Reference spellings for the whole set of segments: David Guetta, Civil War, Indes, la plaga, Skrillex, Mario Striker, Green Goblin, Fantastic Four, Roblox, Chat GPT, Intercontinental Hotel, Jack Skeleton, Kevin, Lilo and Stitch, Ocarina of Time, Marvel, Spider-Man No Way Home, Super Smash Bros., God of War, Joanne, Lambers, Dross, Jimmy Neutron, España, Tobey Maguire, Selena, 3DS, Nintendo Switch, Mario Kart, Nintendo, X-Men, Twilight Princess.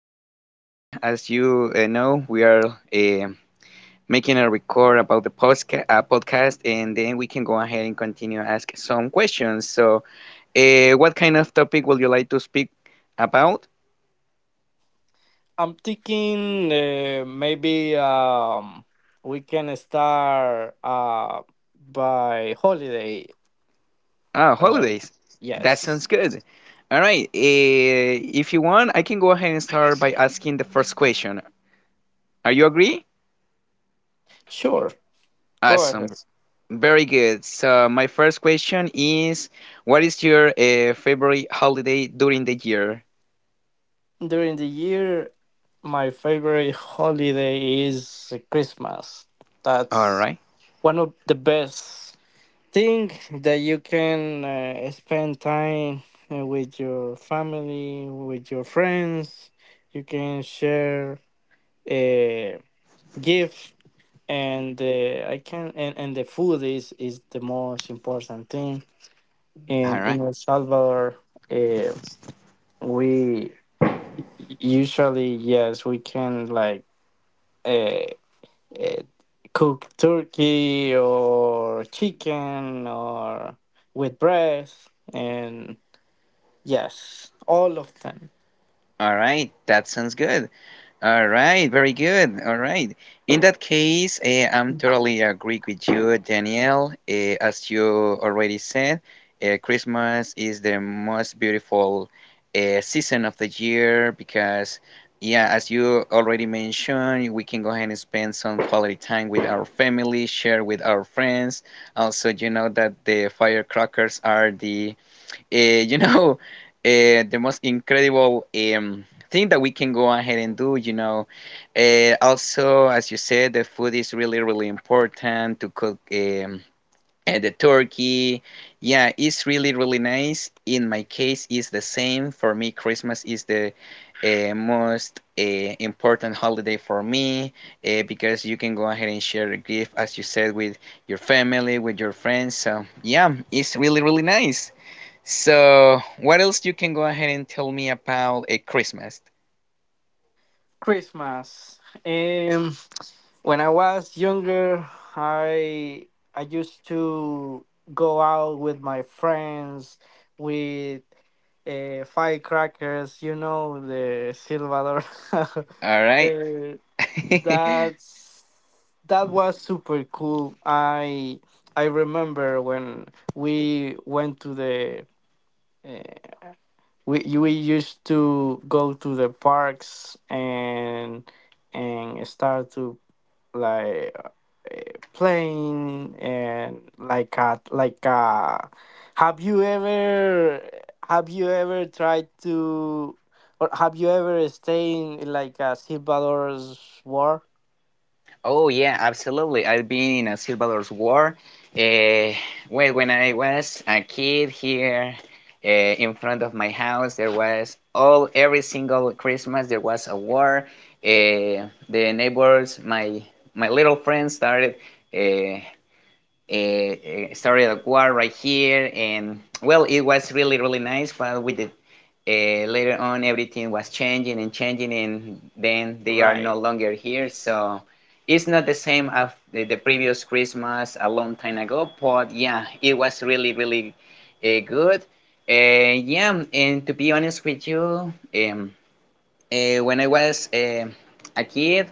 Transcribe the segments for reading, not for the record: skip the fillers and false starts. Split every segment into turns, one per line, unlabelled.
today, as you know, we are uh, making a record about the postca podcast, and then we can go ahead and continue ask some questions. So, what kind of topic would you like to speak about?
I'm thinking maybe we can start by holiday.
Ah,
Um,
holidays. That
yes.
sounds good. All right. If you want, I can go ahead and start by asking the first question. Are you agree?
Sure. Go ahead.
Awesome. Very good. So my first question is, what is your favorite holiday during the year?
During the year, my favorite holiday is Christmas.
All
That's
right.
one of the best. Think that you can spend time with your family, with your friends. You can share a gift, and the food is the most important thing. In
All
in
right.
El Salvador, uh, we usually yes we can like uh, uh, cook turkey or chicken or with bread and yes, all of them.
All right. That sounds good. All right, very good. All right. In that case, I'm totally agree with you, Danielle. As you already said, Christmas is the most beautiful season of the year because, yeah, as you already mentioned, we can go ahead and spend some quality time with our family, share with our friends. Also, you know that the firecrackers are the uh, you know, the most incredible um, thing that we can go ahead and do. Also, as you said, the food is really, really important to cook the turkey. Yeah, it's really, really nice. In my case, it's the same. For me, Christmas is the most important holiday for me because you can go ahead and share a gift, as you said, with your family, with your friends. So, yeah, it's really, really nice. So, what else you can go ahead and tell me about a Christmas?
Christmas. Um, when I was younger, I I used to go out with my friends with firecrackers. You know the Silvador.
All right.
uh, that's that was super cool. I remember when we went to the. uh, we you- we used to go to the parks and start to like playing and like a, have you ever have you ever tried to or have you ever stayed in like a Salvador's war?
Oh yeah, absolutely. I've been in a Salvador's War. Uh, well, when I was a kid here in front of my house, there was all every single Christmas there was a war. The neighbors, my little friends uh, uh, started a war right here, and well, it was really really nice. But with the later on everything was changing and changing, and then they are no
Right.
longer here, so it's not the same as the previous Christmas a long time ago. But yeah, it was really really good, yeah. And to be honest with you, um, when I was a kid,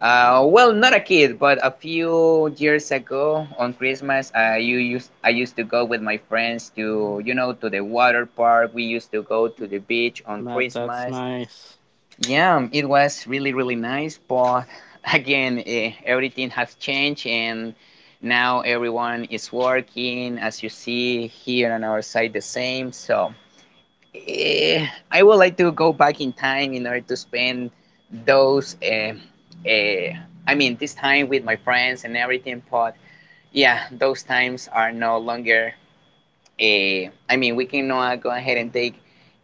well, not a kid, but a few years ago on Christmas, I used to go with my friends to you know to the water park. We used to go to the beach on
That's
Christmas.
nice.
Yeah, it was really really nice, but again, everything has changed and now everyone is working. As you see here on our side, the same. So I would like to go back in time in order to spend those. Eh, I mean, this time with my friends and everything. But yeah, those times are no longer. I mean, we cannot go ahead and take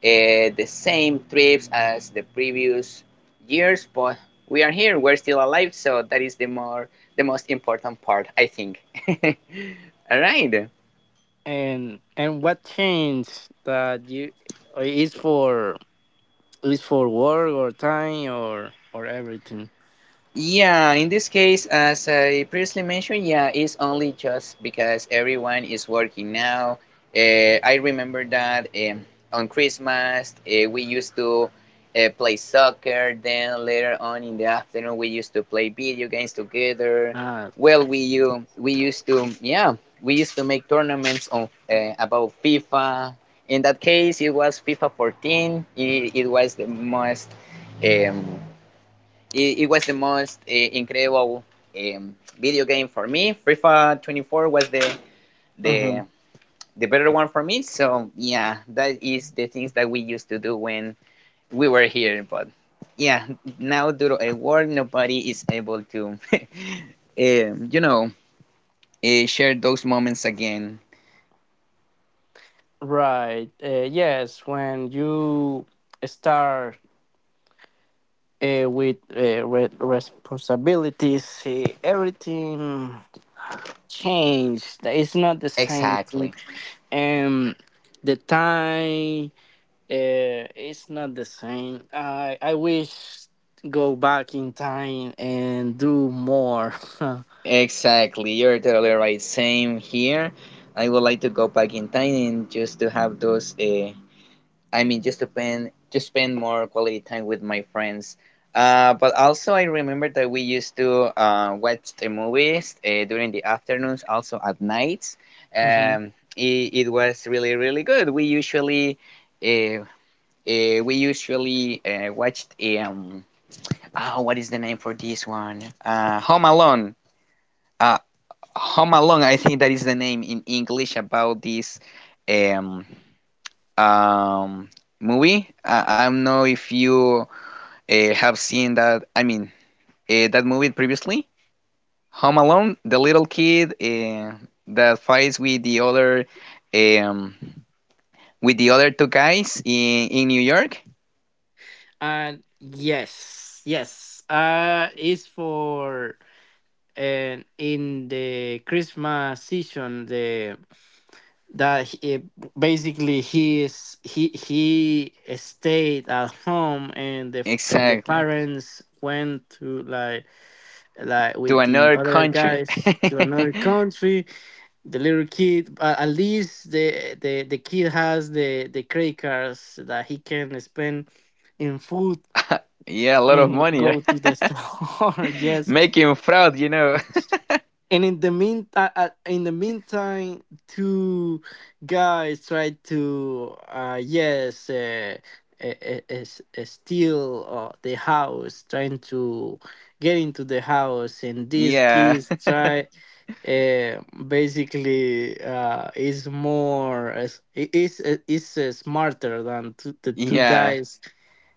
the same trips as the previous years. But we are here. We're still alive. So that is the most important part, I think. All right.
And what changed that you is for it is for work or time or everything.
Yeah, in this case, as I previously mentioned, yeah, it's only just because everyone is working now. I remember that on Christmas, we used to play soccer. Then later on in the afternoon, we used to play video games together.
Ah,
Well, we used to make tournaments on about FIFA. In that case, it was FIFA 14. Um, it was the most incredible um, video game for me. FIFA 24 was
hmm.
the the better one for me. So yeah, that is the things that we used to do when we were here. But yeah, now due to a war, nobody is able to, um, you know, share those moments again.
Right. Yes, when you start with responsibilities, everything changed. It's not the same thing.
Exactly.
Um, the time it's not the same. I wish go back in time and do more.
Exactly. You're totally right. Same here. I would like to go back in time and just to have those, I mean, just spend more quality time with my friends. But also I remember that we used to watch the movies during the afternoons, also at nights.
Hmm.
It was really really good. Uh, we usually watched oh, what is the name for this one? Home Alone. Uh, Home Alone. I think that is the name in English about this um um, movie. I don't know if you have seen that. I mean, that movie previously. Home Alone, the little kid that fights with um, the other two guys in New York.
And yes, yes. It's for and in the Christmas season, the that he, basically he is he stayed at home and the
Exactly.
parents went to like
To
with the
another
other
country.
guys to another country. The little kid, but at least the kid has the credit cards that he can spend in food
Yeah, a lot of
and
money.
go to the store. Yes,
Making fraud.
and in the meantime, two guys tried to steal the house, trying to get into the house, and these
Yeah,
kids try. Basically, is more is eh, is smarter than the two
yeah,
guys.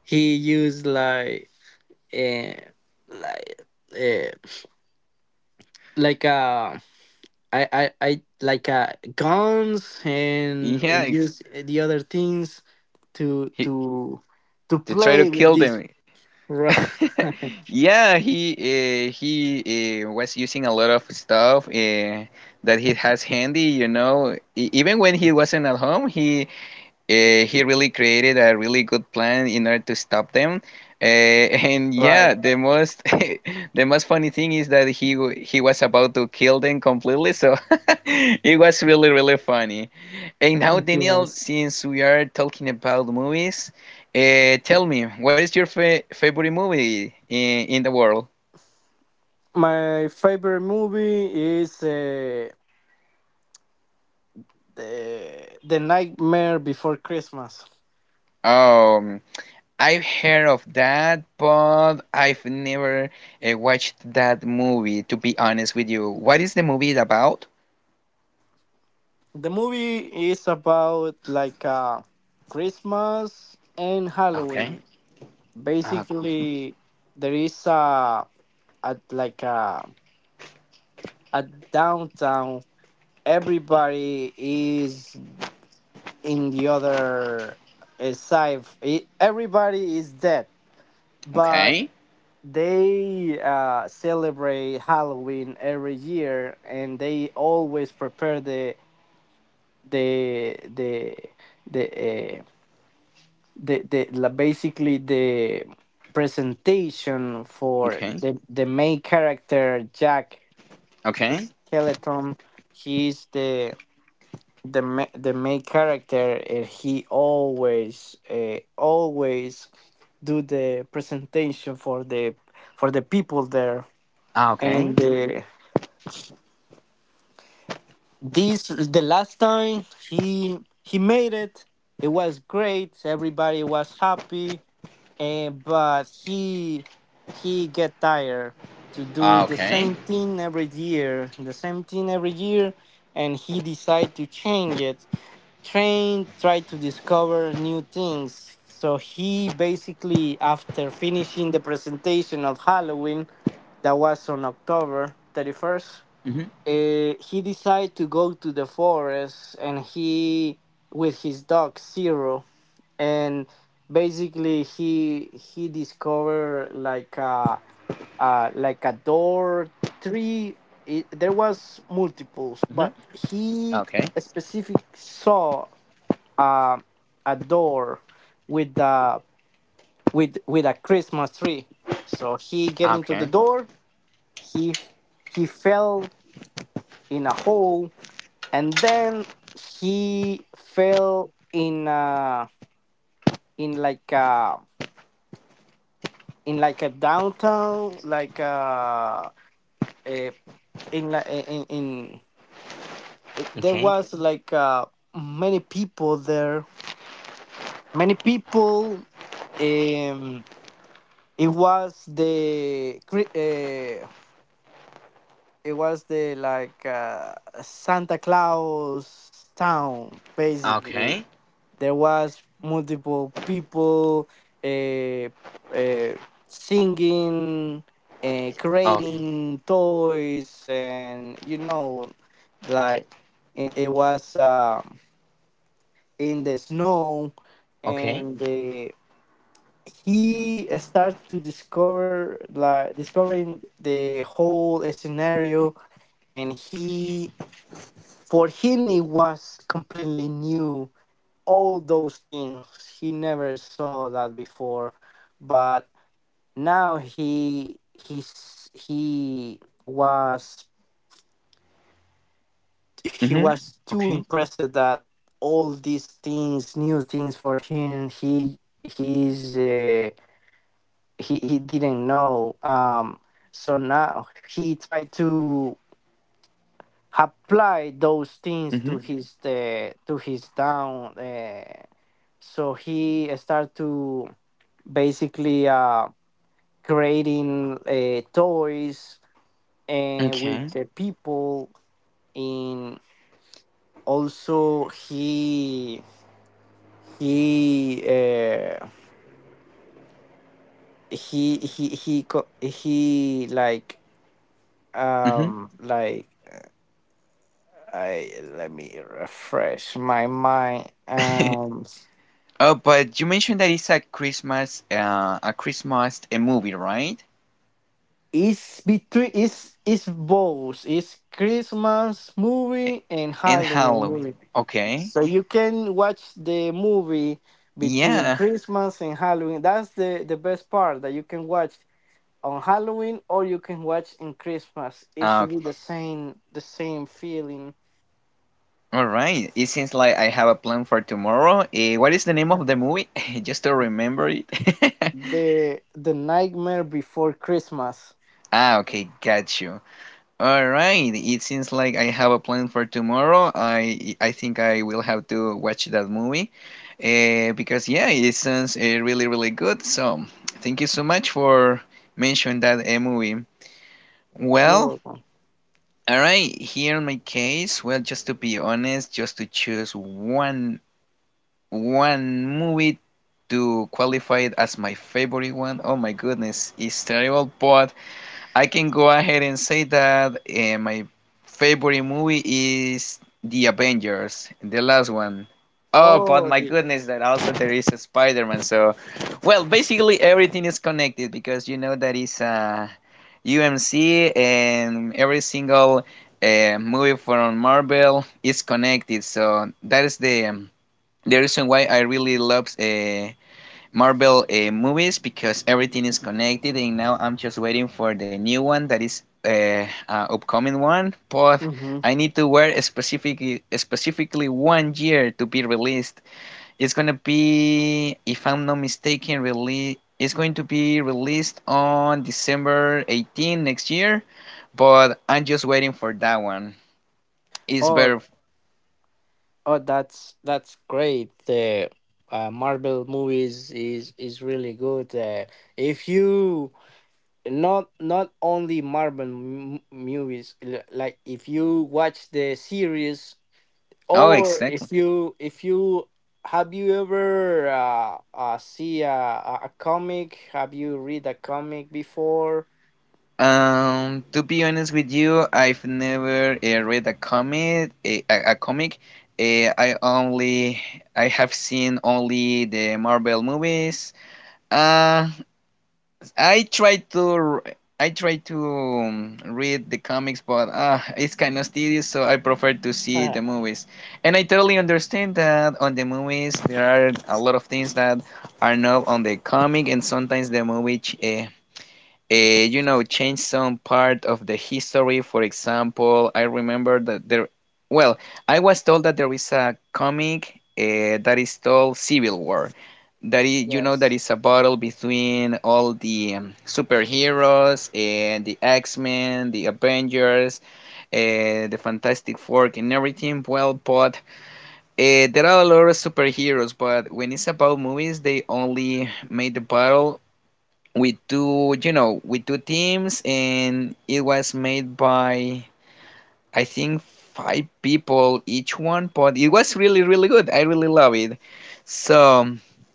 He used like eh, like eh, like I like guns and
yeah.
and
It's,
use the other things to
he,
to to
to try to
play with
kill
this.
them.
Right,
Yeah, he was using a lot of stuff that he has handy. Even when he wasn't at home, he really created a really good plan in order to stop them. Uh, and yeah,
right,
the most the most funny thing is that he was about to kill them completely, so it was really really funny. And now, Daniel,
yes,
since we are talking about movies, tell me, what is your fa favorite movie in the world?
my favorite movie is the Nightmare Before Christmas.
Um, I've heard of that, but I've never watched that movie, to be honest with you. What is the movie about?
The movie is about like Christmas and
Okay.
Halloween.
Ah, ¿cómo se llama?
Basically there is a like a downtown. Everybody is in the other side. Everybody is dead but
Okay.
they celebrate Halloween every year and they always prepare the the the uh, basically the presentation for
Okay.
the main character. Jack
Okay.
Skeleton, he's the the main character and he always always do the presentation for the people there
Ah, okay.
and this the last time he made it was great, everybody was happy, and but he get tired to do
Ah,
the
okay.
same thing every year, the same thing every year, and he decided to change it. Train tried to discover new things. So he basically, after finishing the presentation of Halloween, that was on October 31st,
Mhm.
he decided to go to the forest, and he, with his dog Zero, and basically he discovered like a door, three, it, there was multiples,
Mhm.
but he
Okay.
specific saw uh, a door with a with a Christmas tree. So he
Ah,
get into
okay.
the door. He f- he fell in a hole, and then he fell in like a in like a downtown like a, in like in it, there
Okay.
was like many people there, many people. um It was the uh, it was the like Santa Claus town
Ah,
basically.
okay.
There was multiple people uh, uh, singing,
Ah, okay.
creating toys, and you know, like it was in the snow
Okay.
and the he started to discover like discovering the whole scenario, and he for him it was completely new, all those things he never saw that before, but now he he's he was he
Mhm.
was too
Okay.
impressed that all these things, new things for him, he he's he didn't know. So now he tried to apply those things
Mhm.
to his town, so he started to basically creating toys and with
Okay.
the people in. Also he uh, he
Mhm.
like I let me refresh my mind.
Oh, but you mentioned that it's a Christmas, a Christmas a movie, right?
It's between it's both. It's Christmas
A-
movie and
And
Halloween
Halloween.
movie.
Okay.
So you can watch the movie between
Yeah.
Christmas and Halloween. That's the best part, that you can watch on Halloween or you can watch in Christmas. It should
Okay.
be the same, the same feeling.
All right. It seems like I have a plan for tomorrow. What is the name of the movie? Just to remember it.
The Nightmare Before Christmas.
Ah, okay, got you. All right. It seems like I have a plan for tomorrow. I think I will have to watch that movie. Because yeah, it sounds really really good. So thank you so much for mentioning that movie.
You're
Well,
welcome.
all right. Here in my case, well, just to be honest, just to choose one movie to qualify it as my favorite one. Oh my goodness, it's terrible, but I can go ahead and say that my favorite movie is The Avengers, the last one. Oh, but
Oh,
my
the.
goodness, that also there is a Spider-Man. So, well, basically everything is connected because you know that is UMC, and every single movie from Marvel is connected. So that is the reason why I really love Marvel movies, because everything is connected, and now I'm just waiting for the new one that is upcoming one. But
Mhm.
I need to wait specifically one year to be released. It's gonna be, if I'm not mistaken, release. It's going to be released on December 18 next year, but I'm just waiting for that one. It's
Oh,
better.
oh, that's great. The Marvel movies is really good. If you not, not only Marvel movies, like if you watch the series
Oh,
or
exactly.
if you have you ever see a comic? Have you read a comic before?
To be honest with you, I've never read a comic. A comic. Uh, I only I have seen only the Marvel movies. Uh, I try to r- I try to read the comics, but it's kind of tedious, so I prefer to see the movies. And I totally understand that on the movies there are a lot of things that are not on the comic, and sometimes the movie change some part of the history. For example, I remember that there, well, I was told that there is a comic that is called Civil War. That is, you know, that
Yes.
is a battle between all the superheroes and the X-Men, the Avengers, the Fantastic Four, and everything. Well, but there are a lot of superheroes, but when it's about movies, they only made the battle with two teams, and it was made by, I think, five people each one, but it was really really good. I really love it. So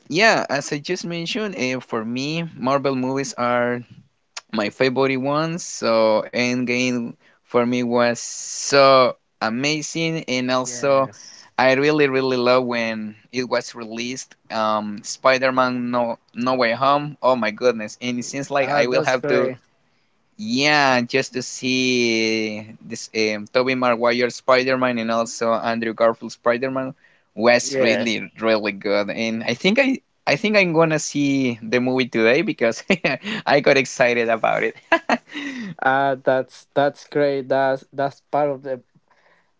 yeah, as I just mentioned, for me Marvel movies are my favorite one. So Endgame for me was so amazing, and also
Yes.
I really really love when it was released. Spider-Man No Way Home. Oh my goodness! And it seems like I will
That's
have to,
great.
yeah, just to see this Tobey Maguire Spider-Man, and also Andrew Garfield Spider-Man was
Yes.
really really good. And I think I'm gonna see the movie today because I got excited about it.
Ah, that's great. That's part of the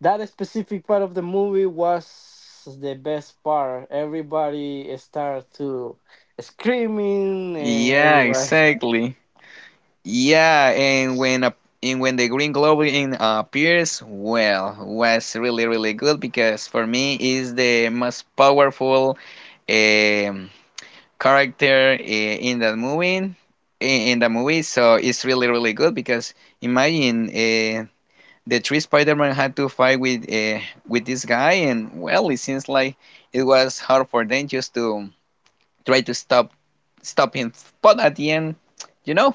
that specific part of the movie was the best part. Everybody started to screaming and
Yeah,
everybody
exactly. Yeah, and when the Green Goblin appears, well, was really really good, because for me is the most powerful um, character in that movie in the movie, so it's really really good because imagine the three Spider-Man had to fight with this guy. And well, it seems like it was hard for them just to try to stop him, but at the end, you know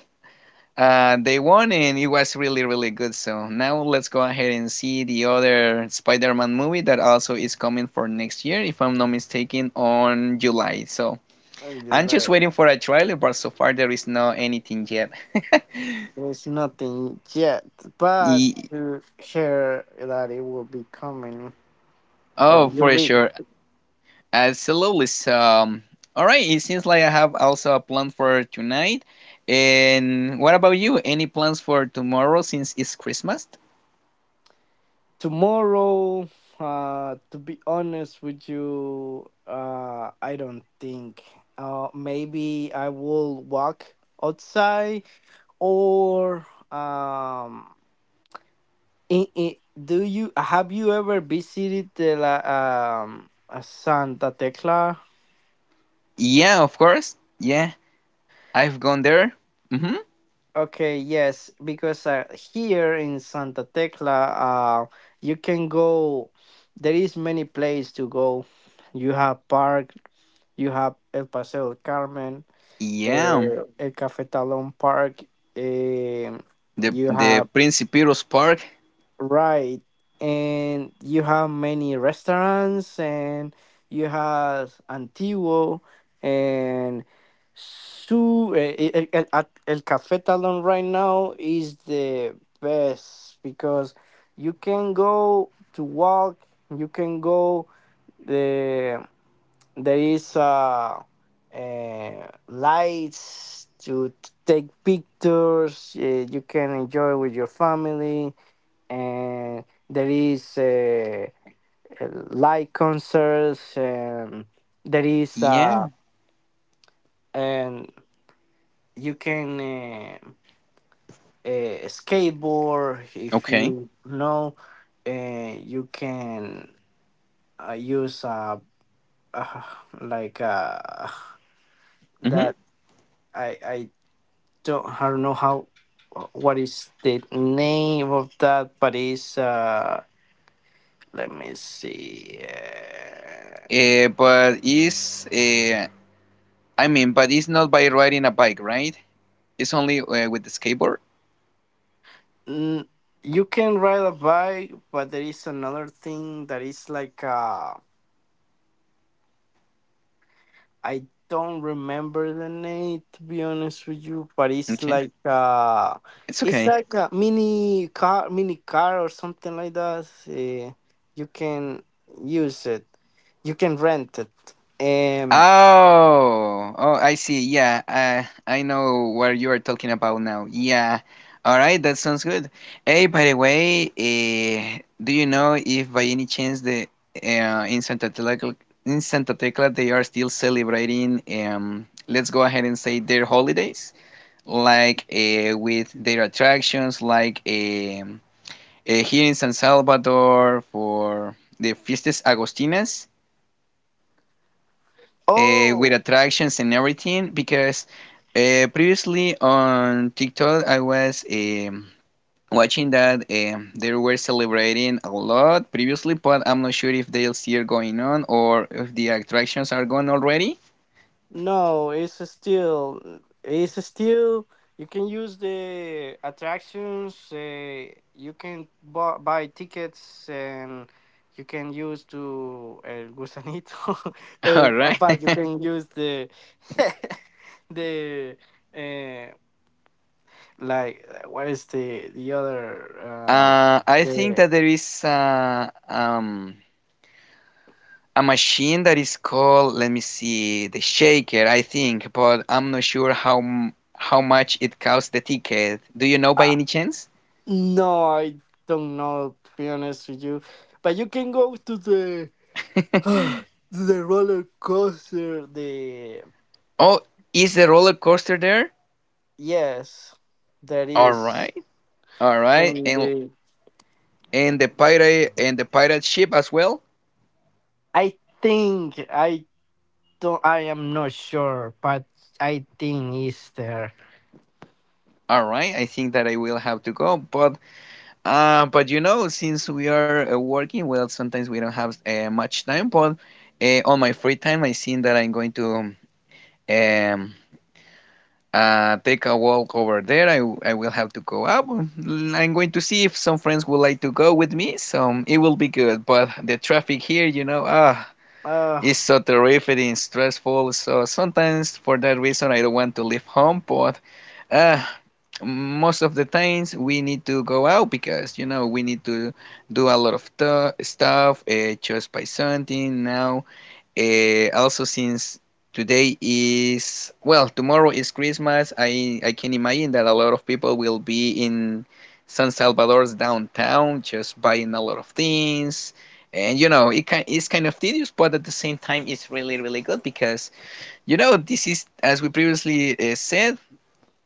they won and it was really really good. So now let's go ahead and see the other Spider-Man movie that also is coming for next year, if I'm not mistaken, on July. So
and you're
I'm just
like,
waiting for a trailer, but so far there is no anything yet.
there's nothing yet, but
Ye-
you hear that it will be coming or
Oh,
you
for
read
sure. Absolutely. So, all right. It seems like I have also a plan for tonight. And what about you? Any plans for tomorrow, since it's Christmas?
tomorrow. To be honest with you, I don't think. Maybe I will walk outside or um do you have you ever visited the Santa Tecla?
Yeah, of course. Yeah, I've gone there. Mm-hmm.
Okay, yes, because here in Santa Tecla, uh, you can go. There is many place to go. You have park. You have El Paseo del Carmen,
Yeah,
El Cafetalón Park. Um,
the
you
the
have.
Principiros Park.
Right. And you have many restaurants and you have Antiguo and su eh, eh, eh, at El Café Talon right now is the best because you can go to walk, you can go the there is lights to take pictures, you can enjoy with your family and there is live concerts and there is
Yeah.
and you can skateboard if
Okay.
you know and you can use uh, like uh,
Mm-hmm.
that I I I don't know how what is the name of that but it's let me see
But is I mean, but it's not by riding a bike, right? It's only with the skateboard.
mm, you can ride a bike, but there is another thing that is like I don't remember the name to be honest with you, but
Okay, it's
it's
okay.
like a mini car, mini car or something like that. You can use it. You can rent it. Um
Oh, oh, I see. Yeah, I know what you are talking about now. Yeah. All right, that sounds good. Hey, by the way, do you know if by any chance the in Santa Tecla, they are still celebrating let's go ahead and say their holidays, like with their attractions, like here in San Salvador for the Fiestas Agostinas, with
oh,
attractions and everything, because previously on TikTok I was watching that they were celebrating a lot previously, but I'm not sure if they're still going on, or if the attractions are gone already.
no, it's still you can use the attractions. You can buy tickets and you can use to gusanito,
All
and
right.
but you can use the the uh, what is the other
I think
the
that there is a machine that is called, let me see, the shaker, I think, but I'm not sure how much it costs the ticket. Do you know by
uh,
any chance?
no I don't know to be honest with you, but you can go to the the roller coaster the
Oh, is the roller coaster there?
yes that
All
is
right, all right,
in
and
the.
and the pirate ship as well.
I think I don't, I am not sure but I think it's there,
All right, I think that I will have to go, but you know, since we are working, well, sometimes we don't have much time, but on my free time, I think that I'm going to um take a walk over there. I will have to go up. I'm going to see if some friends would like to go with me, so it will be good. But the traffic here,
uh
is so terrific and stressful. So sometimes for that reason, I don't want to leave home. But uh, most of the times we need to go out because, we need to do a lot of stuff, just by something now. Also, since well, tomorrow is Christmas, I can imagine that a lot of people will be in San Salvador's downtown just buying a lot of things. And it's kind of tedious, but at the same time, it's really, really good because, this is, as we previously said,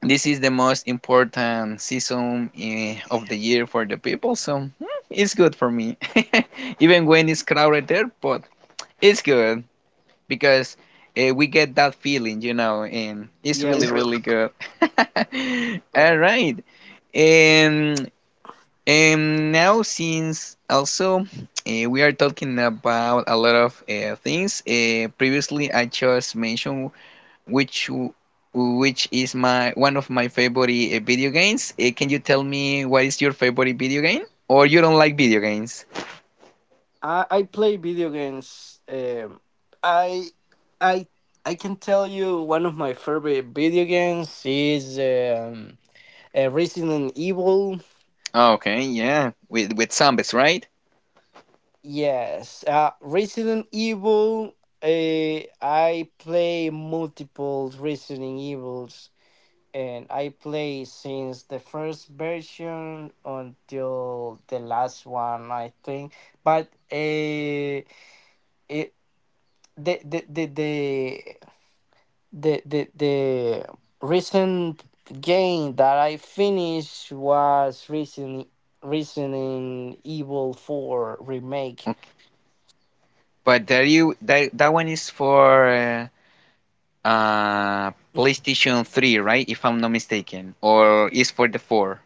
this is the most important season of the year for the people. So, it's good for me, even when it's crowded there, but it's good because we get that feeling, and it's
yeah.
really,
It's really-
really good. All right. And and now, since also we are talking about a lot of things, previously I just mentioned which which is my one of my favorite video games. Can you tell me what is your favorite video game? Or you don't like video games?
I play video games. Um i i i can tell you one of my favorite video games is Resident Evil.
Okay, yeah, with zombies, right?
Yes, Resident Evil. Uh, I play multiple Resident Evils, and I play since the first version until the last one, I think. But it the the the the recent game that I finished was Resident Evil Four Remake.
But there you that that one is for PlayStation 3, right? If I'm not mistaken. Or is for the 4.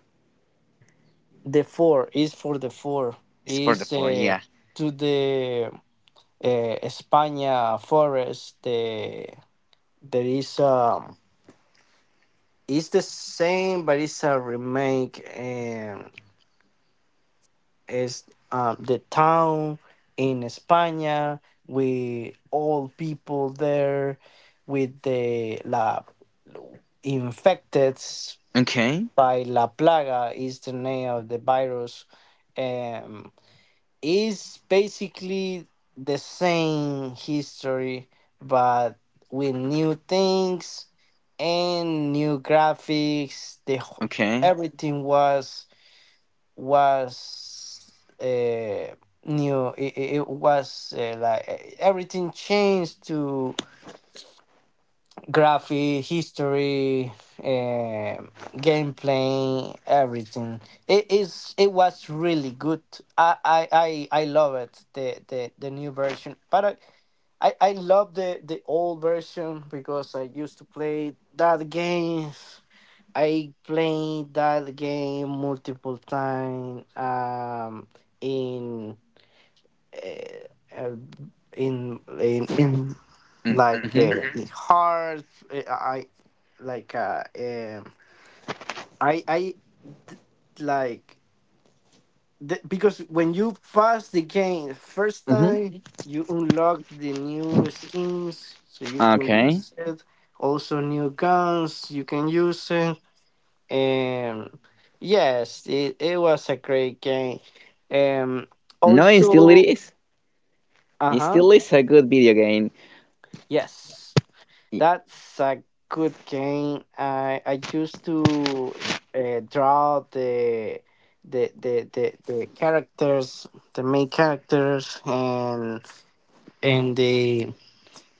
The four is for, the four
It's for the
is
4, yeah.
to the España forest. The there is it's the same, but it's a remake, and it's the town in España with all people there with the la infected
Okay.
by la plaga is the name of the virus. Um, It's basically the same history, but with new things and new graphics. The
Okay.
everything was uh, new. It was everything changed to graphic, history, gameplay, everything. It was really good. I love it, the new version. But I love the old version because I used to play that game. I played that game multiple times. In uh, uh, in like
Mm-hmm.
mhm. Hard I like I d- like th- because when you pass the game first
Mm-hmm.
time you unlock the new skins so you can
Okay.
use it, also new guns you can use it, and yes, it was a great game. um
No, it still it
Also
is. It
uh-huh
still is a good video game.
yes,
I-
that's a good game. I used to draw the characters, the main characters, and the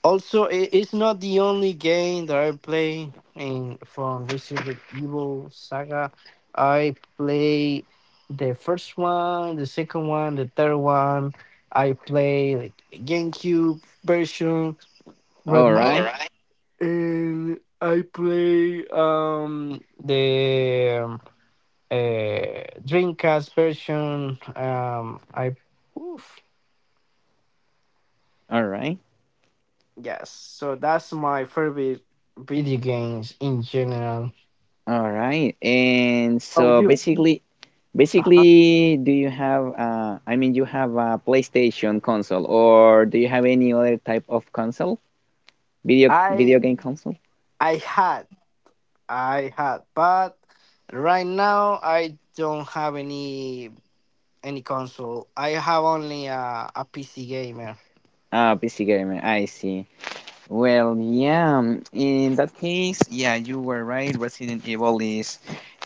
also I it's not the only game that I play in from Resident Evil Saga. I play the first one, the second one, the third one. I play like GameCube version.
All
All
right.
right. and I play the Dreamcast version. Oof,
All right.
yes. So that's my favorite video games in general.
All right. And
How about
so
you?
basically
Uh-huh.
basically do you have I mean, you have a PlayStation console, or do you have any other type of console? Video
I
game console?
I had I had, but right now I don't have any console. I have only a PC gamer.
Ah, PC gamer. I see. Well, yeah. In that case, yeah, you were right. Resident Evil is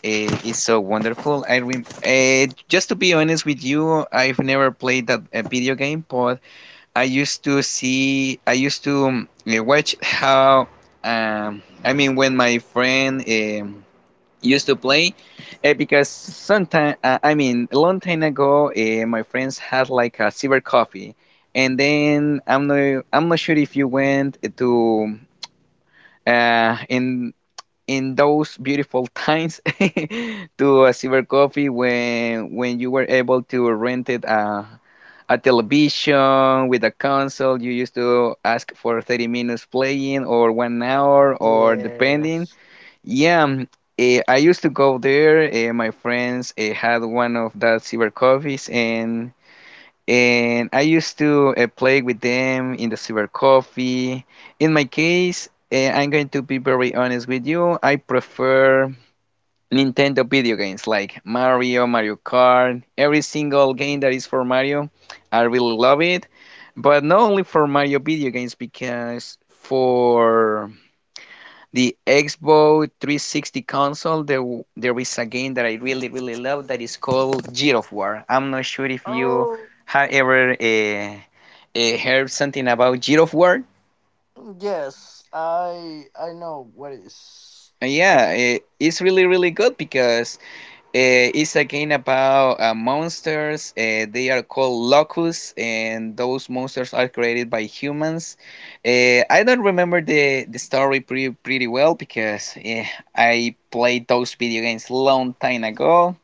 uh, is so wonderful. I rem Just to be honest with you, I've never played that video game, but I used to see. I used to watch how. I mean, when my friend used to play because sometime, I mean, a long time ago, my friends had like a silver coffee, and then I'm not sure if you went to uh, in in those beautiful times to a silver coffee, when you were able to rent it a television with a console. You used to ask for 30 minutes playing, or 1 hour, or depending.
Yes.
Yeah, I used to go there. My friends had one of that silver coffees, and I used to play with them in the silver coffee. In my case, I'm going to be very honest with you. I prefer Nintendo video games, like Mario, Mario Kart, every single game that is for Mario. I really love it, but not only for Mario video games, because for the Xbox 360 console, there is a game that I really really love that is called God of War. I'm not sure if you
Oh.
have ever heard something about God of War.
Yes, I know what is. I
Yeah, it's really really good because it's a game about monsters. They are called locusts, and those monsters are created by humans. I don't remember the story pretty, pretty well, because I played those video games long time ago.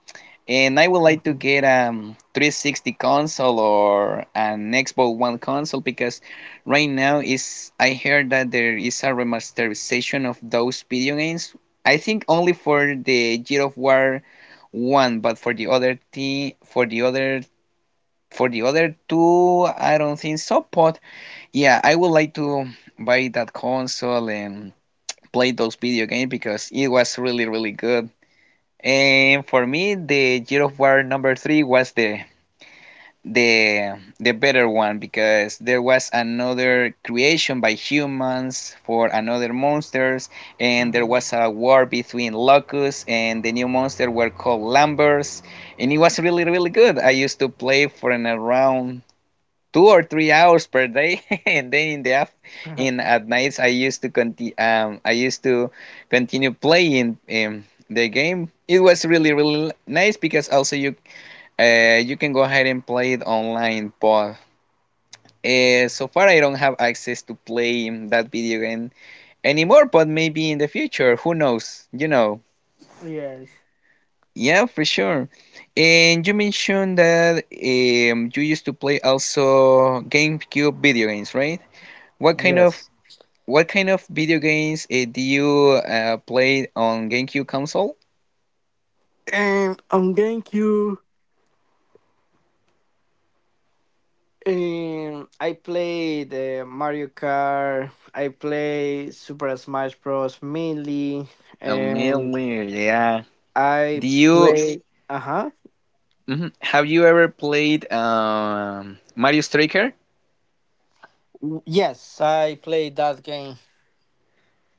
And I would like to
Mhm,
get a 360 console or an Xbox One console, because right now is I heard that there is a remasterization of those video games. I think only for the God of War one, but for the other t for the other two, I don't think so. But yeah, I would like to buy that console and play those video games because it was really really good. And for me, the Gear of War number three was the the better one, because there was another creation by humans for another monsters, and there
mhm.
was a war between Locust and the new monster were called Lambers, and it was really really good. I used to play for an around 2 or 3 hours per day, and then in the af in at nights, I used to continue playing the game. It was really really nice because also you can go ahead and play it online, but so far I don't have access to play that video game anymore, but maybe in the future, who knows,
Yes.
yeah, for sure. And you mentioned that you used to play also GameCube video games, right? What kind of
Yes.
What kind of video games do you play on GameCube console?
And on GameCube, I played Mario Kart. I play Super Smash Bros. Mainly, and
Admittedly, yeah. Do
I
you
play. Uh huh.
Mhm. Have you ever played Mario Striker?
Yes, I played that game.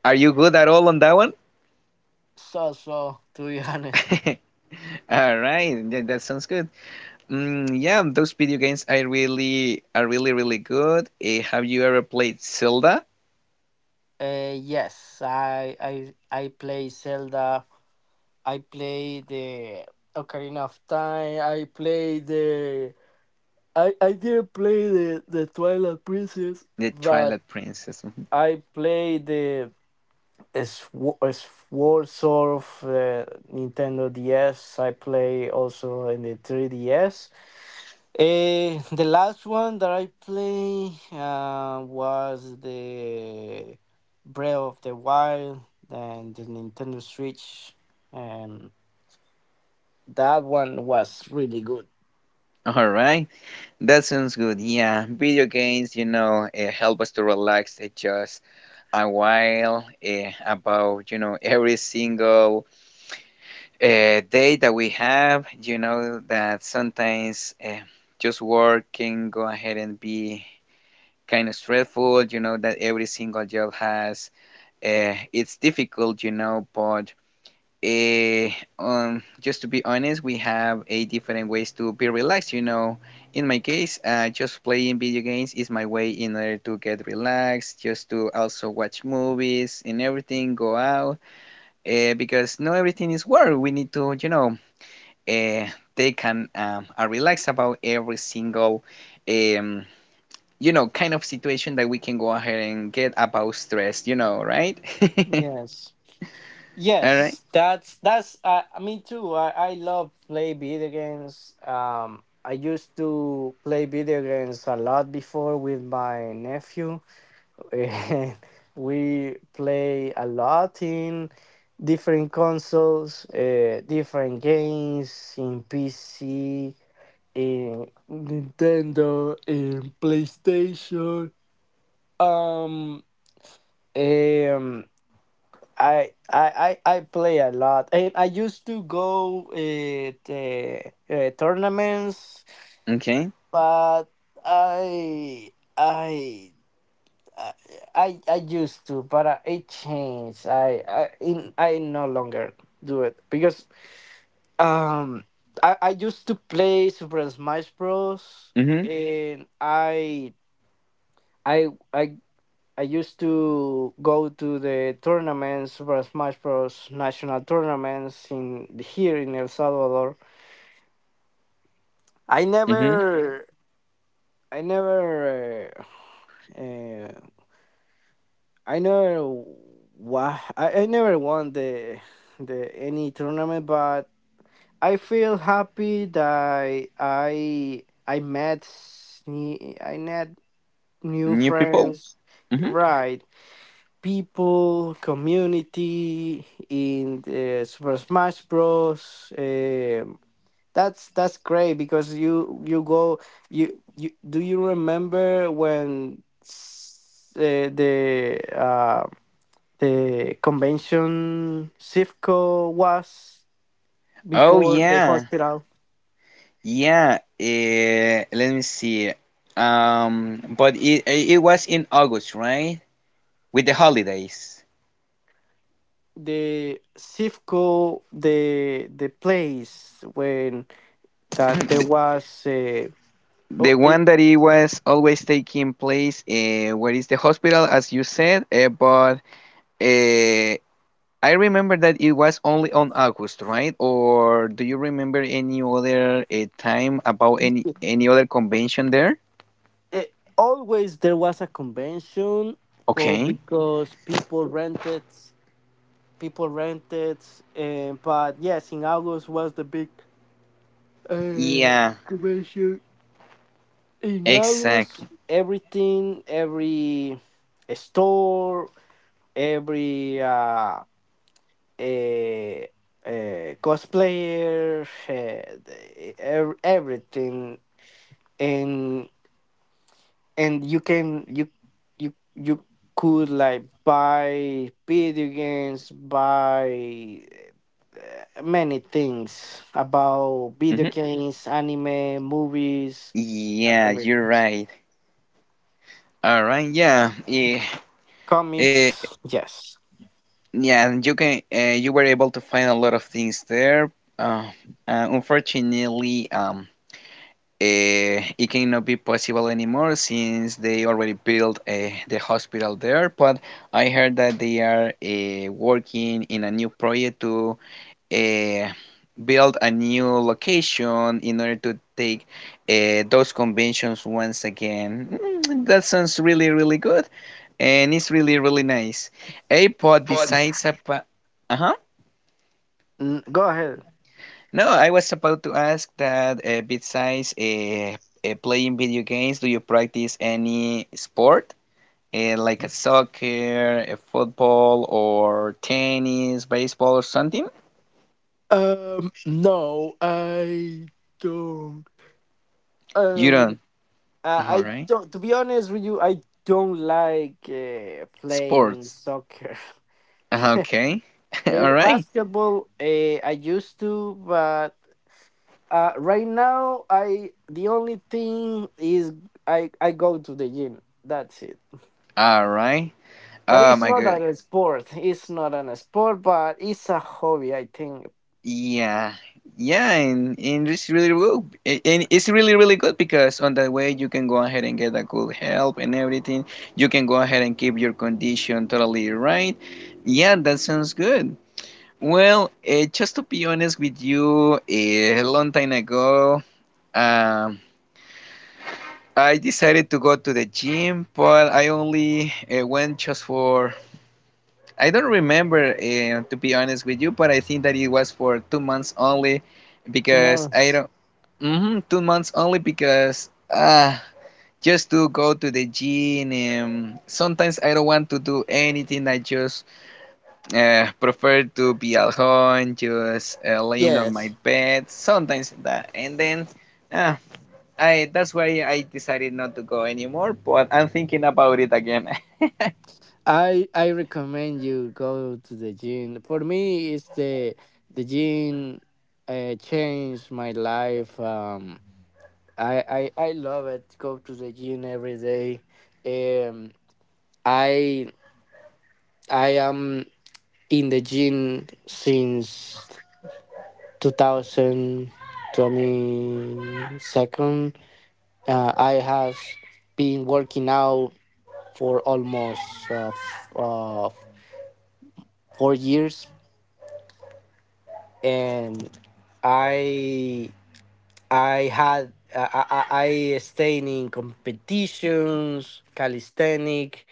Are you good at all on that one?
To be honest.
All right, yeah, that sounds good. Mm, yeah, those video games I really are really really good. Have you ever played Zelda,
Yes, I play Zelda. I play the Ocarina of Time. I play the. I didn't play the Twilight Princess,
the
but
Twilight Princess? Mhm.
I played the Sw- Sword of Nintendo DS. I play also in the 3DS. The last one that I play was the Breath of the Wild and the Nintendo Switch. And. That one was really good.
All right, that sounds good. Yeah, video games, help us to relax. It just a while about every single day that we have, that sometimes, just work can go ahead and be kind of stressful, that every single job has, it's difficult, but eh, just to be honest, we have a different ways to be relaxed. In my case, just playing video games is my way in order to get relaxed, just to also watch movies and everything, go out, because not everything is work. We need to, uh, take and a relax about every single, um, kind of situation that we can go ahead and get about stress. You know, right?
Yes.
All right.
Yes, that's me too. I love play video games. I used to play video games a lot before with my nephew. And we play a lot in different consoles, different games in PC, in Nintendo, in PlayStation. Um um I play a lot. I used to go at tournaments,
Okay.
but I I I I used to, but it changed. I no longer do it because um I used to play Super Smash Bros.
Mhm.
And I I I used to go to the tournaments, Super Smash Bros. National tournaments in here in El Salvador. I
Mhm.
never, I never, uh, uh, I never, wa- I never won the any tournament, but I feel happy that I met I met new
New people.
friends.
Hmm.
Right, people, community in Super Smash Bros. That's great because you go you do you remember when the convention CIFCO was
Oh,
before the
yeah,
hospital,
yeah. Let me see. But it was in August, right? With the holidays.
the CIFCO, the place when that there
Mhm.
was
The
oh, it,
one that it was always taking place, where is the hospital, as you said, but uh, I remember that it was only on August, right? Or do you remember any other time about any other convention there?
eh, always there was a convention for
Okay.
because people rented, people rented and but yes in August was the big uh
Yeah,
convention in August,
exactly.
everything, every store, every eh, cosplayer, everything, and and you can you you you could like buy video games, buy many things about video
Hmm.
games, anime, movies,
Yeah, you're
everything,
right. All right, yeah, yeah, eh,
comics, yes.
yeah. And you were able to find a lot of things there. Uh, Unfortunately, it cannot be possible anymore, since they already built the hospital there. But I heard that they are working in a new project to uh, build a new location in order to take those conventions once again. Mm, that sounds really, really good. And it's really, really nice. A pod
But
besides a uh-huh.
Go ahead.
No, I was about to ask that besides playing video games, do you practice any sport? Like a soccer, a football, or tennis, baseball, or something?
um no i don't
You
um
don't. All
I
right.
don't, to be honest with you, I don't like playing
Sports.
soccer.
Uh-huh. Okay. All right.
Basketball, I used to, but right now I the only thing is I go to the gym. That's it.
All right.
But
Oh
it's
my
not
God.
a sport. It's not an sport, but it's a hobby. I think
Yeah, yeah, and it's really good. And it's really, really good because on that way you can go ahead and get a good help and everything. You can go ahead and keep your condition totally right. Yeah, that sounds good. Well, just to be honest with you, a long time ago, um, I decided to go to the gym, but I only went just for, I don't remember, to be honest with you, but I think that it was for 2 months only because I
tomorrow's
don't hmm 2 months only because just to go to the gym and sometimes I don't want to do anything. I just prefer to be at home, just laying on my
yes.
bed. Sometimes that, and then uh, I that's why I decided not to go anymore. But I'm thinking about it again.
I recommend you go to the gym. For me, it's the gym changed my life. I love it. Go to the gym every day. Um. I I am in the gym since 2022. I has been working out for almost 4 years, and I I had I stayed in competitions, calisthenic.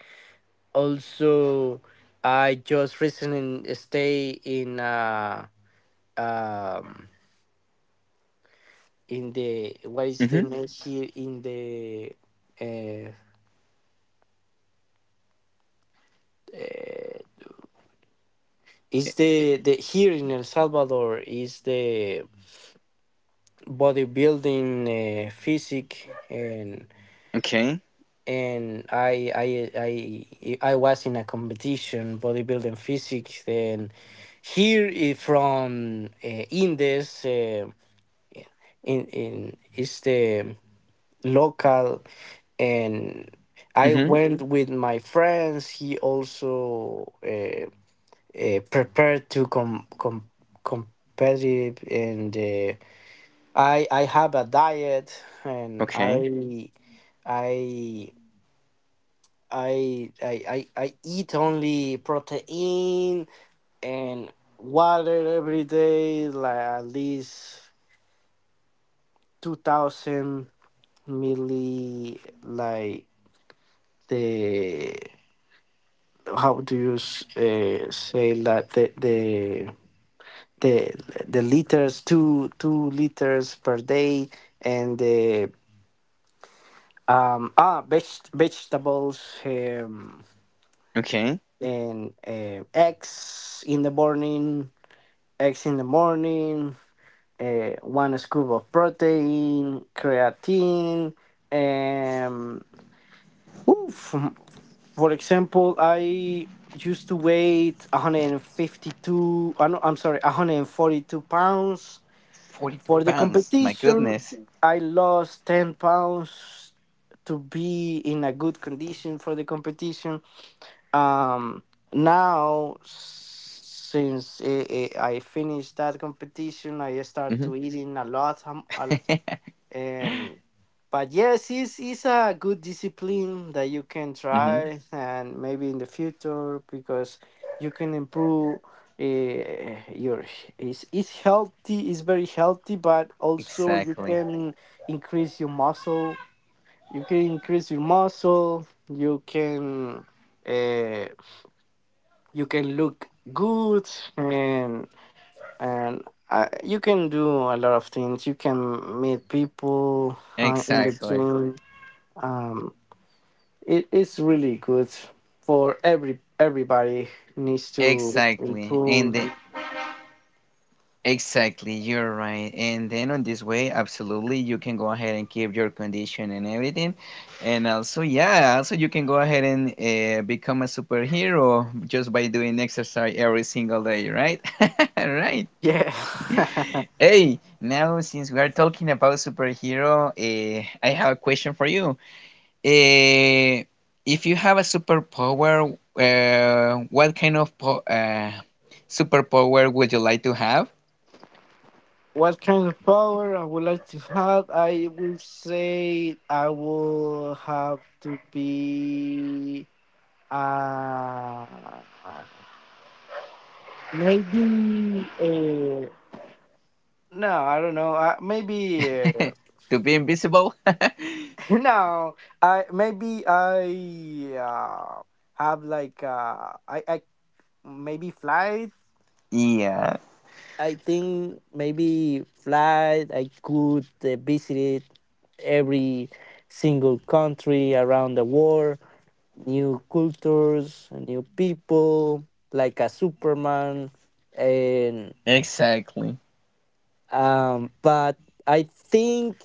Also, I just recently stay in. Um in the what is the
Mm-hmm.
name here in the uh, uh is the here in El Salvador is the bodybuilding physique, and
Okay.
I was in a competition bodybuilding physique, and here is from Indes in is the local, and I
Mm-hmm.
went with my friends. He also prepared to com competitive, and I have a diet, and
Okay.
I. I, I I eat only protein and water every day, like at least 2,000 milli, like the. How do you say that the the liters, two two liters per day, and the vegetables,
Okay.
and eggs in the morning, eggs in the morning one scoop of protein, creatine. um. Oof. For example, I used to weigh 152, no, I'm sorry, 142 pounds.
42
For the
pounds, my
competition,
goodness.
I lost 10 pounds to be in a good condition for the competition. Um, Now, since I finished that competition, I start
Mm-hmm.
to eating a lot, and but yes, it's a good discipline that you can
Mm-hmm.
try, and maybe in the future because you can improve your it's healthy, it's very healthy. But also you
Exactly,
can increase your muscle, you can increase your muscle you can uh, you can look good, and and you can do a lot of things. You can meet people in the
exactly.
gym. Um, it is really good for every everybody needs to
Exactly. And the,
improve.
exactly, you're right. And then on this way, absolutely, you can go ahead and keep your condition and everything. And also, yeah, also you can go ahead and become a superhero just by doing exercise every single day, right? Right.
Yeah.
Hey, now since we are talking about superhero, I have a question for you. Uh, if you have a superpower, what kind of po superpower would you like to have?
What kind of power I would like to have? I would say I will have to be uh maybe no, I don't know. Maybe
to be invisible?
no, I maybe I have like I maybe flight.
yeah,
I think maybe flight. I could visit every single country around the world, new cultures, new people, like a Superman, and
exactly.
But I think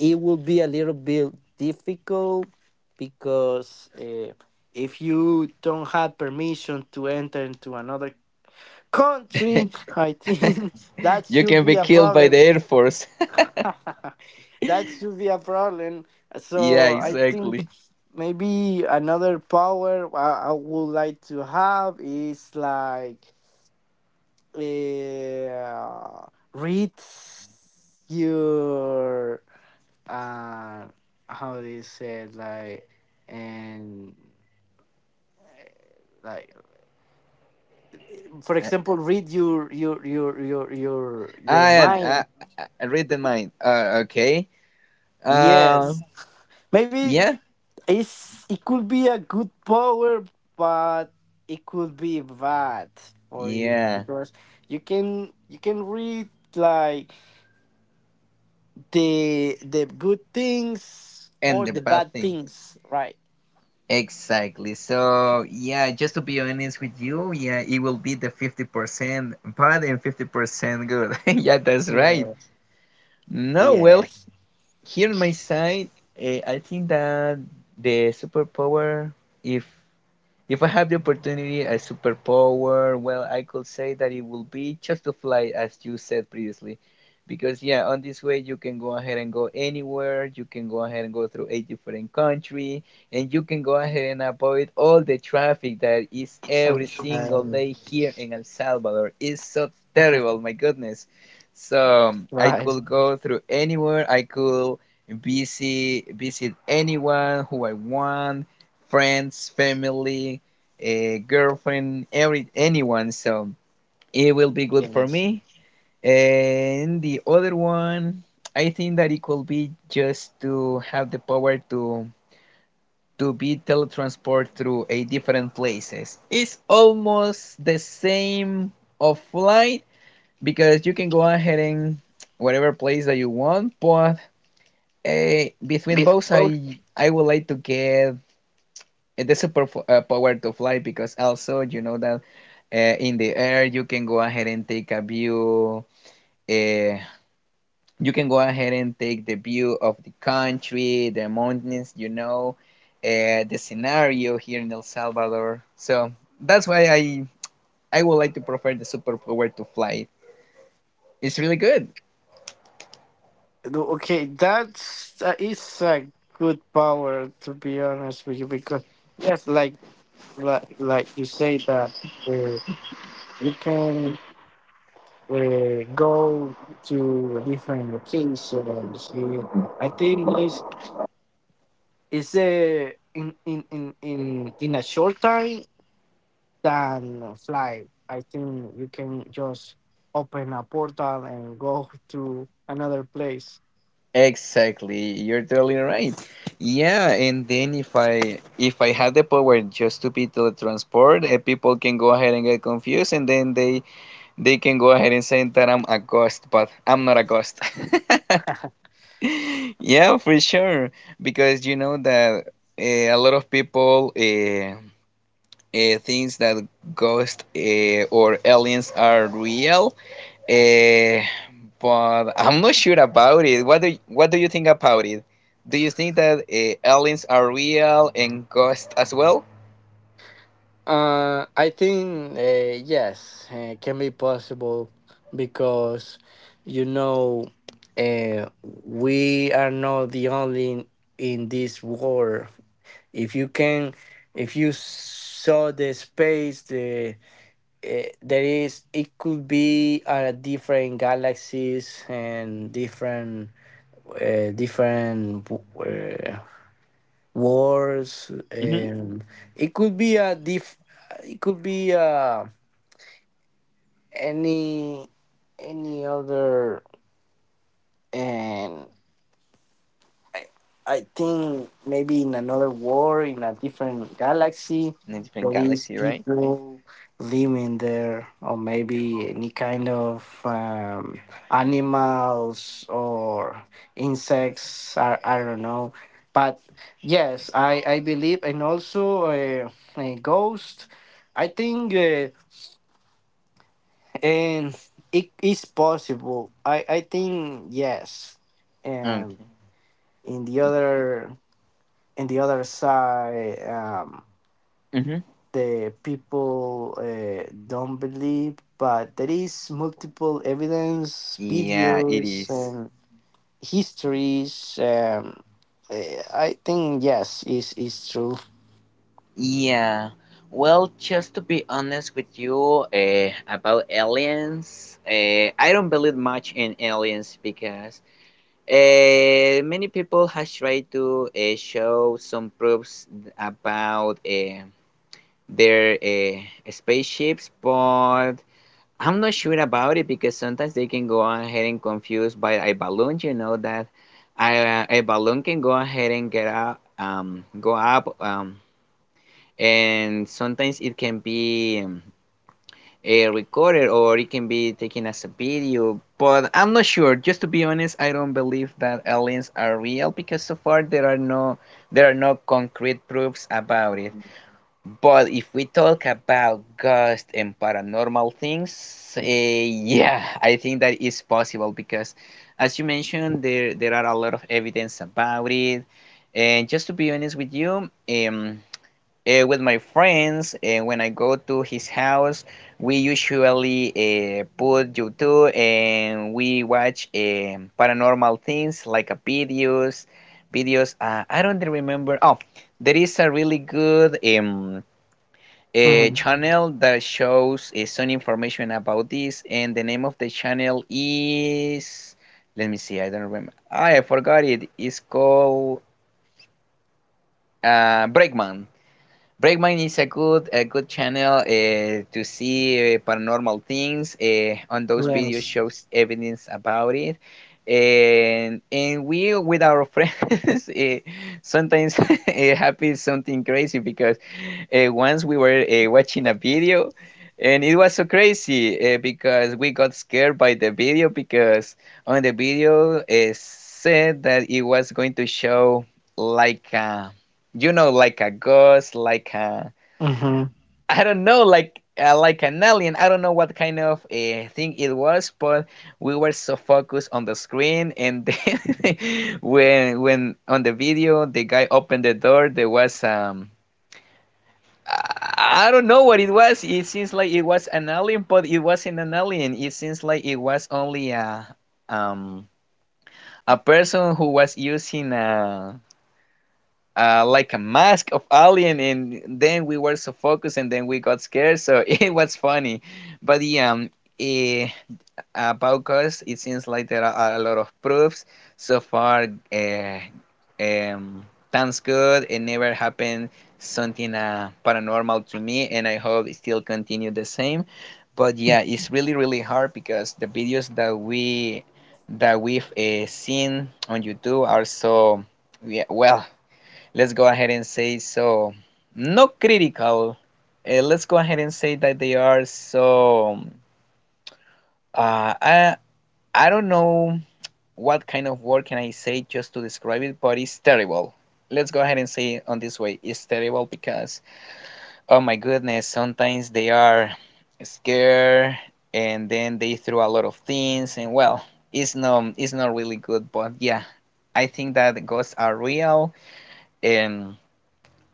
it will be a little bit difficult because if you don't have permission to enter into another country, I think that
you
should
can be
be a
killed by the
problem.
Air Force.
That should be a problem.
yeah,
So I think
exactly.
maybe another power I would like to have is like uh, read your uh how they said like, and uh, like
Uh,
for example, read your your
I, I,
mind.
I read the mind. Okay. Uh,
Yes, maybe
yeah,
it could be a good power, but it could be bad for you
yeah.
because you can read like the good things
And
or
the
the
bad
bad
thing.
things, right?
Exactly. So, yeah, just to be honest with you, yeah, it will be the 50% bad and 50% good. yeah, that's right.
Yes.
No, well,
Yes.
here on my side, I think that the superpower, if if I have the opportunity, a superpower, well, I could say that it will be just to fly, as you said previously. Because, yeah, on this way, you can go ahead and go anywhere, you can go ahead and go through a different country, and you can go ahead and avoid all the traffic that is every single
Alright.
day here in El Salvador. It's so terrible, my goodness. So, I
Right.
could go through anywhere, I could visit anyone who I want, friends, family, a girlfriend, every anyone. So it will be good for
Yes.
me. And the other one, I think that it could be just to have the power to be teletransport through a different places. It's almost the same of flight because you can go ahead and whatever place that you want, but between both,
Both.
I would like to get the super power to fly, because also you know that in the air you can go ahead and take a view, uh, you can go ahead and take the view of the country, the mountains, you know, the scenario here in El Salvador. So that's why I would like to prefer the superpower to fly. It's really good.
No. Okay, that is a good power to be honest with you because yes, like like you say that uh, you can go to different locations. You- I think it's in, in in in in a short time than flight. I think you can just open a portal and go to another place.
Exactly, you're totally right. Yeah, and then if I have the power just to be teletransport, people can go ahead and get confused, and then they can go ahead and say that I'm a ghost, but I'm not a ghost. Yeah, for sure, because you know that a lot of people thinks that ghosts or aliens are real, uh, but I'm not sure about it. What do you think about it? Do you think that aliens are real and ghosts as well?
I think yes, can be possible because you know we are not the only in this war. If you can, if you saw the space, there is, it could be different galaxies and different different uh wars,
Hmm
and it could be a diff it could be any any other. And I, I think maybe in another world, in a different galaxy,
In a different
there is
galaxy, right?
people living there, or maybe any kind of animals or insects. I don't know. But yes, I believe, and also a ghost. I think and it is possible. I think yes. Um,
Okay.
in the other side,
Mm-hmm.
the people don't believe, but there is multiple evidence,
Yeah, it
videos,
is.
and histories. I think yes, is true.
Yeah. Well, just to be honest with you, about aliens, I don't believe much in aliens because many people has tried to show some proofs about their spaceships, but I'm not sure about it because sometimes they can go ahead and confuse by a balloon. You know that a balloon can go ahead and get up, go up, and sometimes it can be a recorded or it can be taken as a video. But I'm not sure. Just to be honest, I don't believe that aliens are real because so far there are no concrete proofs about it.
Mhm.
But if we talk about ghost and paranormal things, yeah, I think that is possible because, as you mentioned, there are a lot of evidence about it. And just to be honest with you, with my friends, when I go to his house, we usually put YouTube and we watch paranormal things like videos, videos. I don't remember. Oh, there is a really good a
Mhm.
channel that shows some information about this, and the name of the channel is, let me see, I don't remember, I forgot it. It's called uh, breakman Breakman is a good, a good channel to see paranormal things. On those videos
Yes.
shows evidence about it, and we with our friends, sometimes it happens something crazy because once we were watching a video and it was so crazy, because we got scared by the video, because on the video it said that it was going to show like a, you know, like a ghost, like a,
Mhm.
I don't know, like an alien, I don't know what kind of thing it was. But we were so focused on the screen, and then when on the video the guy opened the door, there was, I don't know what it was. It seems like it was an alien, but it wasn't an alien. It seems like it was only um a person who was using a, like a mask of alien, and then we were so focused, and then we got scared. So it was funny, but yeah, eh, about cause it seems like there are a lot of proofs. So far, um, sounds good. It never happened something paranormal to me, and I hope it still continue the same. But yeah, it's really, really hard because the videos that we've seen on YouTube are so, yeah, well. Let's go ahead and say so not critical. Let's go ahead and say that they are so. Uh, I I don't know what kind of word can I say just to describe it, but it's terrible. Let's go ahead and say it on this way. It's terrible because, oh my goodness, sometimes they are scared and then they throw a lot of things and well, it's not, it's not really good, but yeah, I think that ghosts are real, and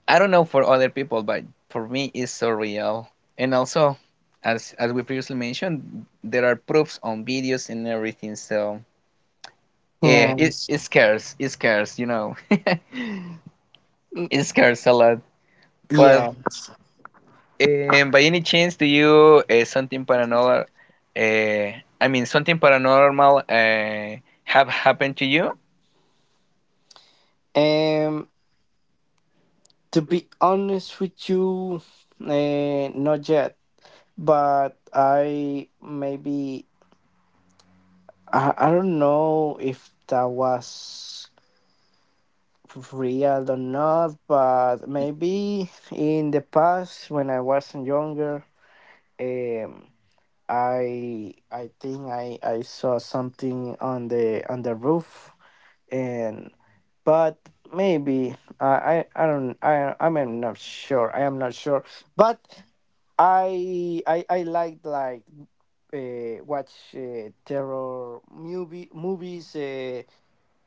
I don't know for other people, but for me it's so real. And also, as we previously mentioned, there are proofs on videos and everything, so yeah, it,
Yes.
it scares, it scares, you know,
Mm.
it scares a lot. But
Yeah.
by any chance, do you something paranormal? Uh, I mean, something paranormal have happened to you?
Um. To be honest with you, not yet. But I maybe I don't know if that was real or not, but maybe in the past when I was younger, um, I think I saw something on the roof, and but maybe I don't I'm not sure. I am not sure, but I like watch terror movies.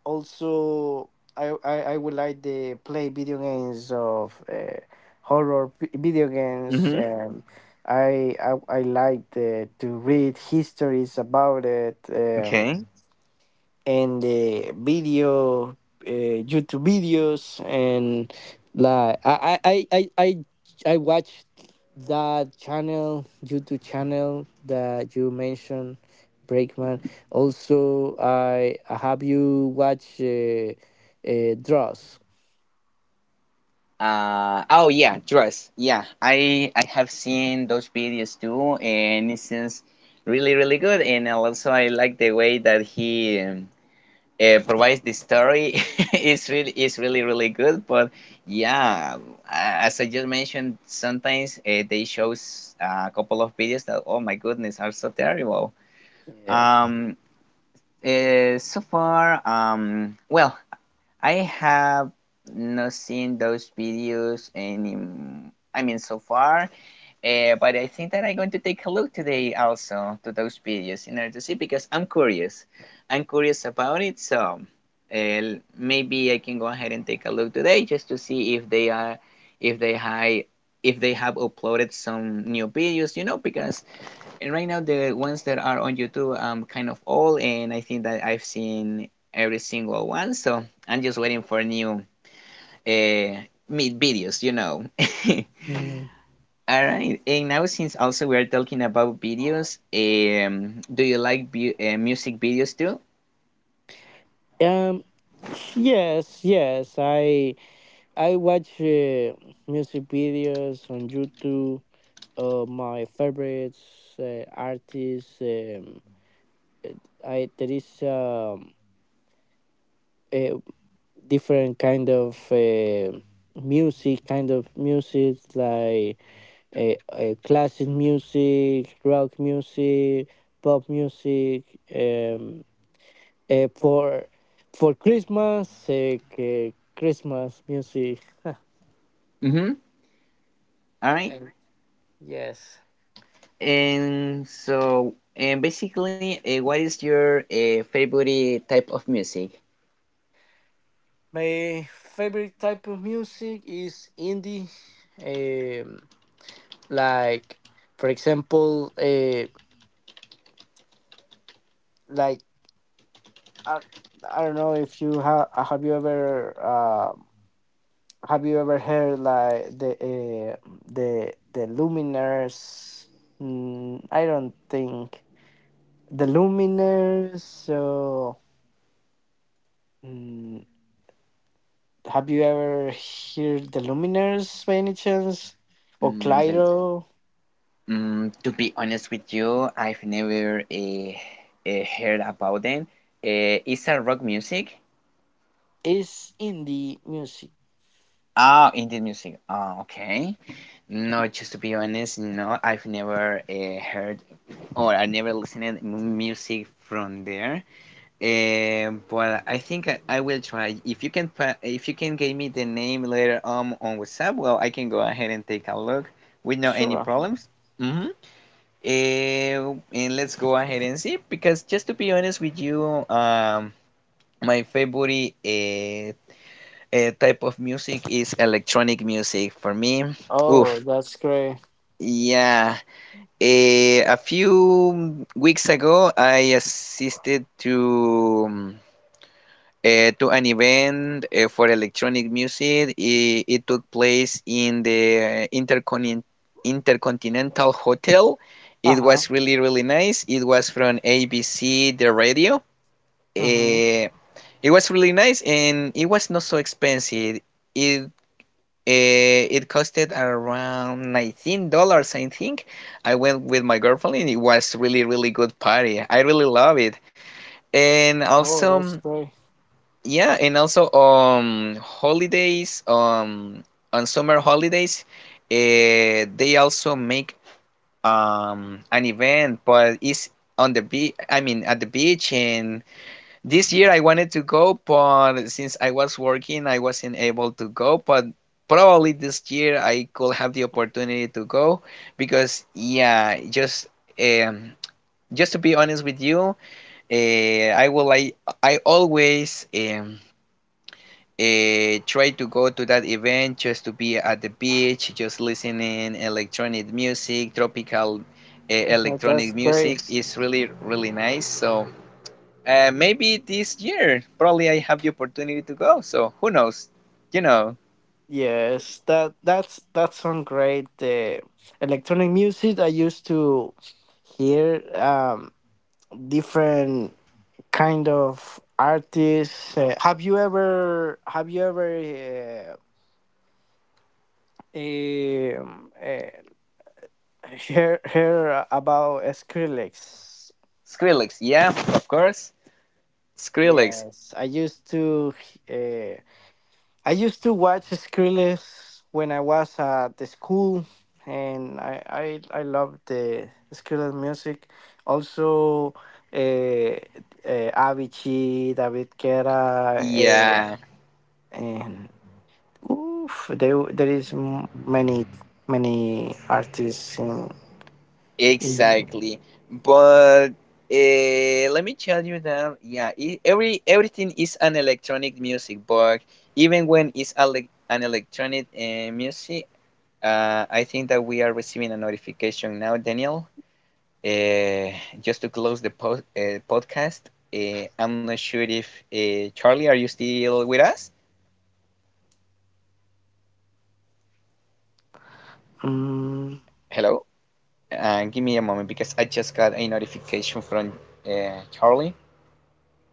Also, I, I would like to play video games of horror video games.
Hmm
I like to read histories about it.
Okay.
And the video YouTube videos. And like I watched that channel, YouTube channel that you mentioned, Breakman. Also, I have you watch Dross?
Oh yeah, trust. Yeah, I have seen those videos too, and it seems really, really good. And also I like the way that he provides the story is really, is really, really good. But yeah, as I just mentioned, sometimes they shows a couple of videos that, oh my goodness, are so terrible,
Yes.
um so far, well, I have not seen those videos any, I mean, so far, but I think that I'm going to take a look today also to those videos in order to see, because I'm curious. I'm curious about it, so uh, maybe I can go ahead and take a look today just to see if they are, if they high, if they have uploaded some new videos. You know, because right now the ones that are on YouTube kind of old, and I think that I've seen every single one. So I'm just waiting for new uh videos. You know.
Mm.
Alright, and now since also we are talking about videos, do you like music videos too?
Um, yes, yes. I watch music videos on YouTube of my favorites artists. Uh, I There is a different kind of music, kind of music like classic music, rock music, pop music. For Christmas, Christmas music.
Mm-hmm. Alright,
And yes,
and basically, what is your favorite type of music?
my favorite type of music is indie. Um, like for example, like I, I don't know if you have you ever have you ever heard like the Luminers? Mm, I don't think the Luminers. So mm, have you ever heard the Luminers by any chance? Or
Mm, the,
Clyro
to be honest with you, I've never heard about them. Is that rock music?
is indie music.
Ah, indie music. Oh, okay. No, just to be honest, no, I've never heard or I never listened music from there. But I think I will try. If you can, if you can give me the name later on WhatsApp, well, I can go ahead and take a look with no any
Sure.
problems. Mm-hmm. And let's go ahead and see because just to be honest with you, my favorite type of music is electronic music for me.
Oh,
Oof,
that's great.
yeah. A few weeks ago, I assisted to an event for electronic music. It took place in the Intercontinental Hotel.
Uh
It
huh.
was really, really nice. It was from ABC, the radio.
Mm-hmm.
Eh, it was really nice and it was not so expensive. It it costed around $19, I think. I went with my girlfriend and it was really, really good party. I really love it. And
Oh,
also,
that's great.
yeah, and also on holidays, on summer holidays, they also make an event, but it's on the beach, I mean at the beach, and this year I wanted to go, but since I was working, I wasn't able to go. But probably this year I could have the opportunity to go because, yeah, um, just to be honest with you, I will like I always try to go to that event just to be at the beach, just listening electronic music, tropical
That's
electronic
great.
music is really, really nice. So. Maybe this year, probably I have the opportunity to go. So who knows? You know,
Yes, that that's some great electronic music. I used to hear different kind of artists. Have you ever, uh, um, uh, hear about Skrillex?
Skrillex. Yeah, of course, Skrillex.
Yes, I used to. Uh, I used to watch Skrillex when I was at the school, and I loved the Skrillex music. Also, Avicii, David Guetta, and Yeah.
Yeah,
And oof, there is many many artists in
exactly. But let me tell you that yeah, I every everything is an electronic music, but even when it's an electronic music, I think that we are receiving a notification now, Daniel. Uh, just to close the po podcast, I'm not sure if Charlie, are you still with us?
mm,
Hello? Give me a moment because I just got a notification from Charlie.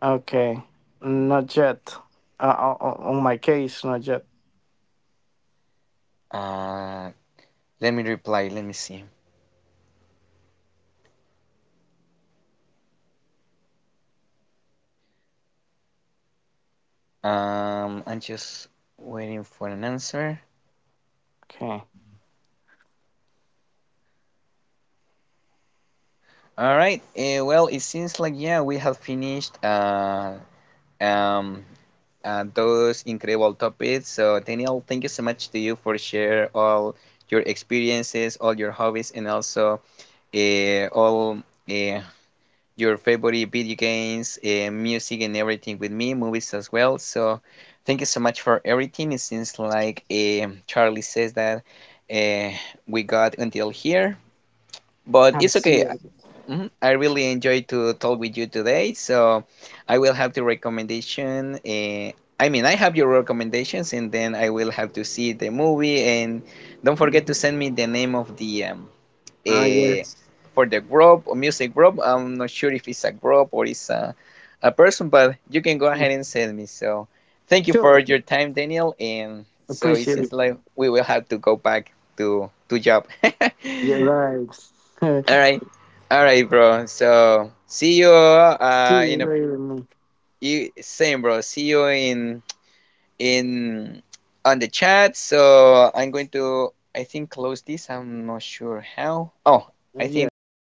okay, not yet. On my case, not yet.
Uh, Let me reply. Let me see. I'm just waiting for an answer.
Okay.
All right. Well, it seems like yeah, we have finished um, those incredible topics. So, Daniel, thank you so much to you for share all your experiences, all your hobbies, and also all uh, your favorite video games, music, and everything with me, movies as well. So, thank you so much for everything. It seems like Charlie says that uh, we got until here, but
I
it's
see
okay.
it.
Mhm. I really enjoyed to talk with you today, so I will have the recommendation. I mean, I have your recommendations, and then I will have to see the movie. And don't forget to
Mhm.
send me the name of the
Ah,
uh,
yes.
for the group or music group. I'm not sure if it's a group or it's a person, but you can go ahead and send me. So thank you for
Sure.
your time, Daniel. And so it
Appreciate it.
seems like we will have to go back to job.
Your right.
All right. All right, bro. So see you
See you
in a
later, man.
you same bro. See you in on the chat. So I'm going to I think close this. I'm not sure how. Oh, I think that we
Yes.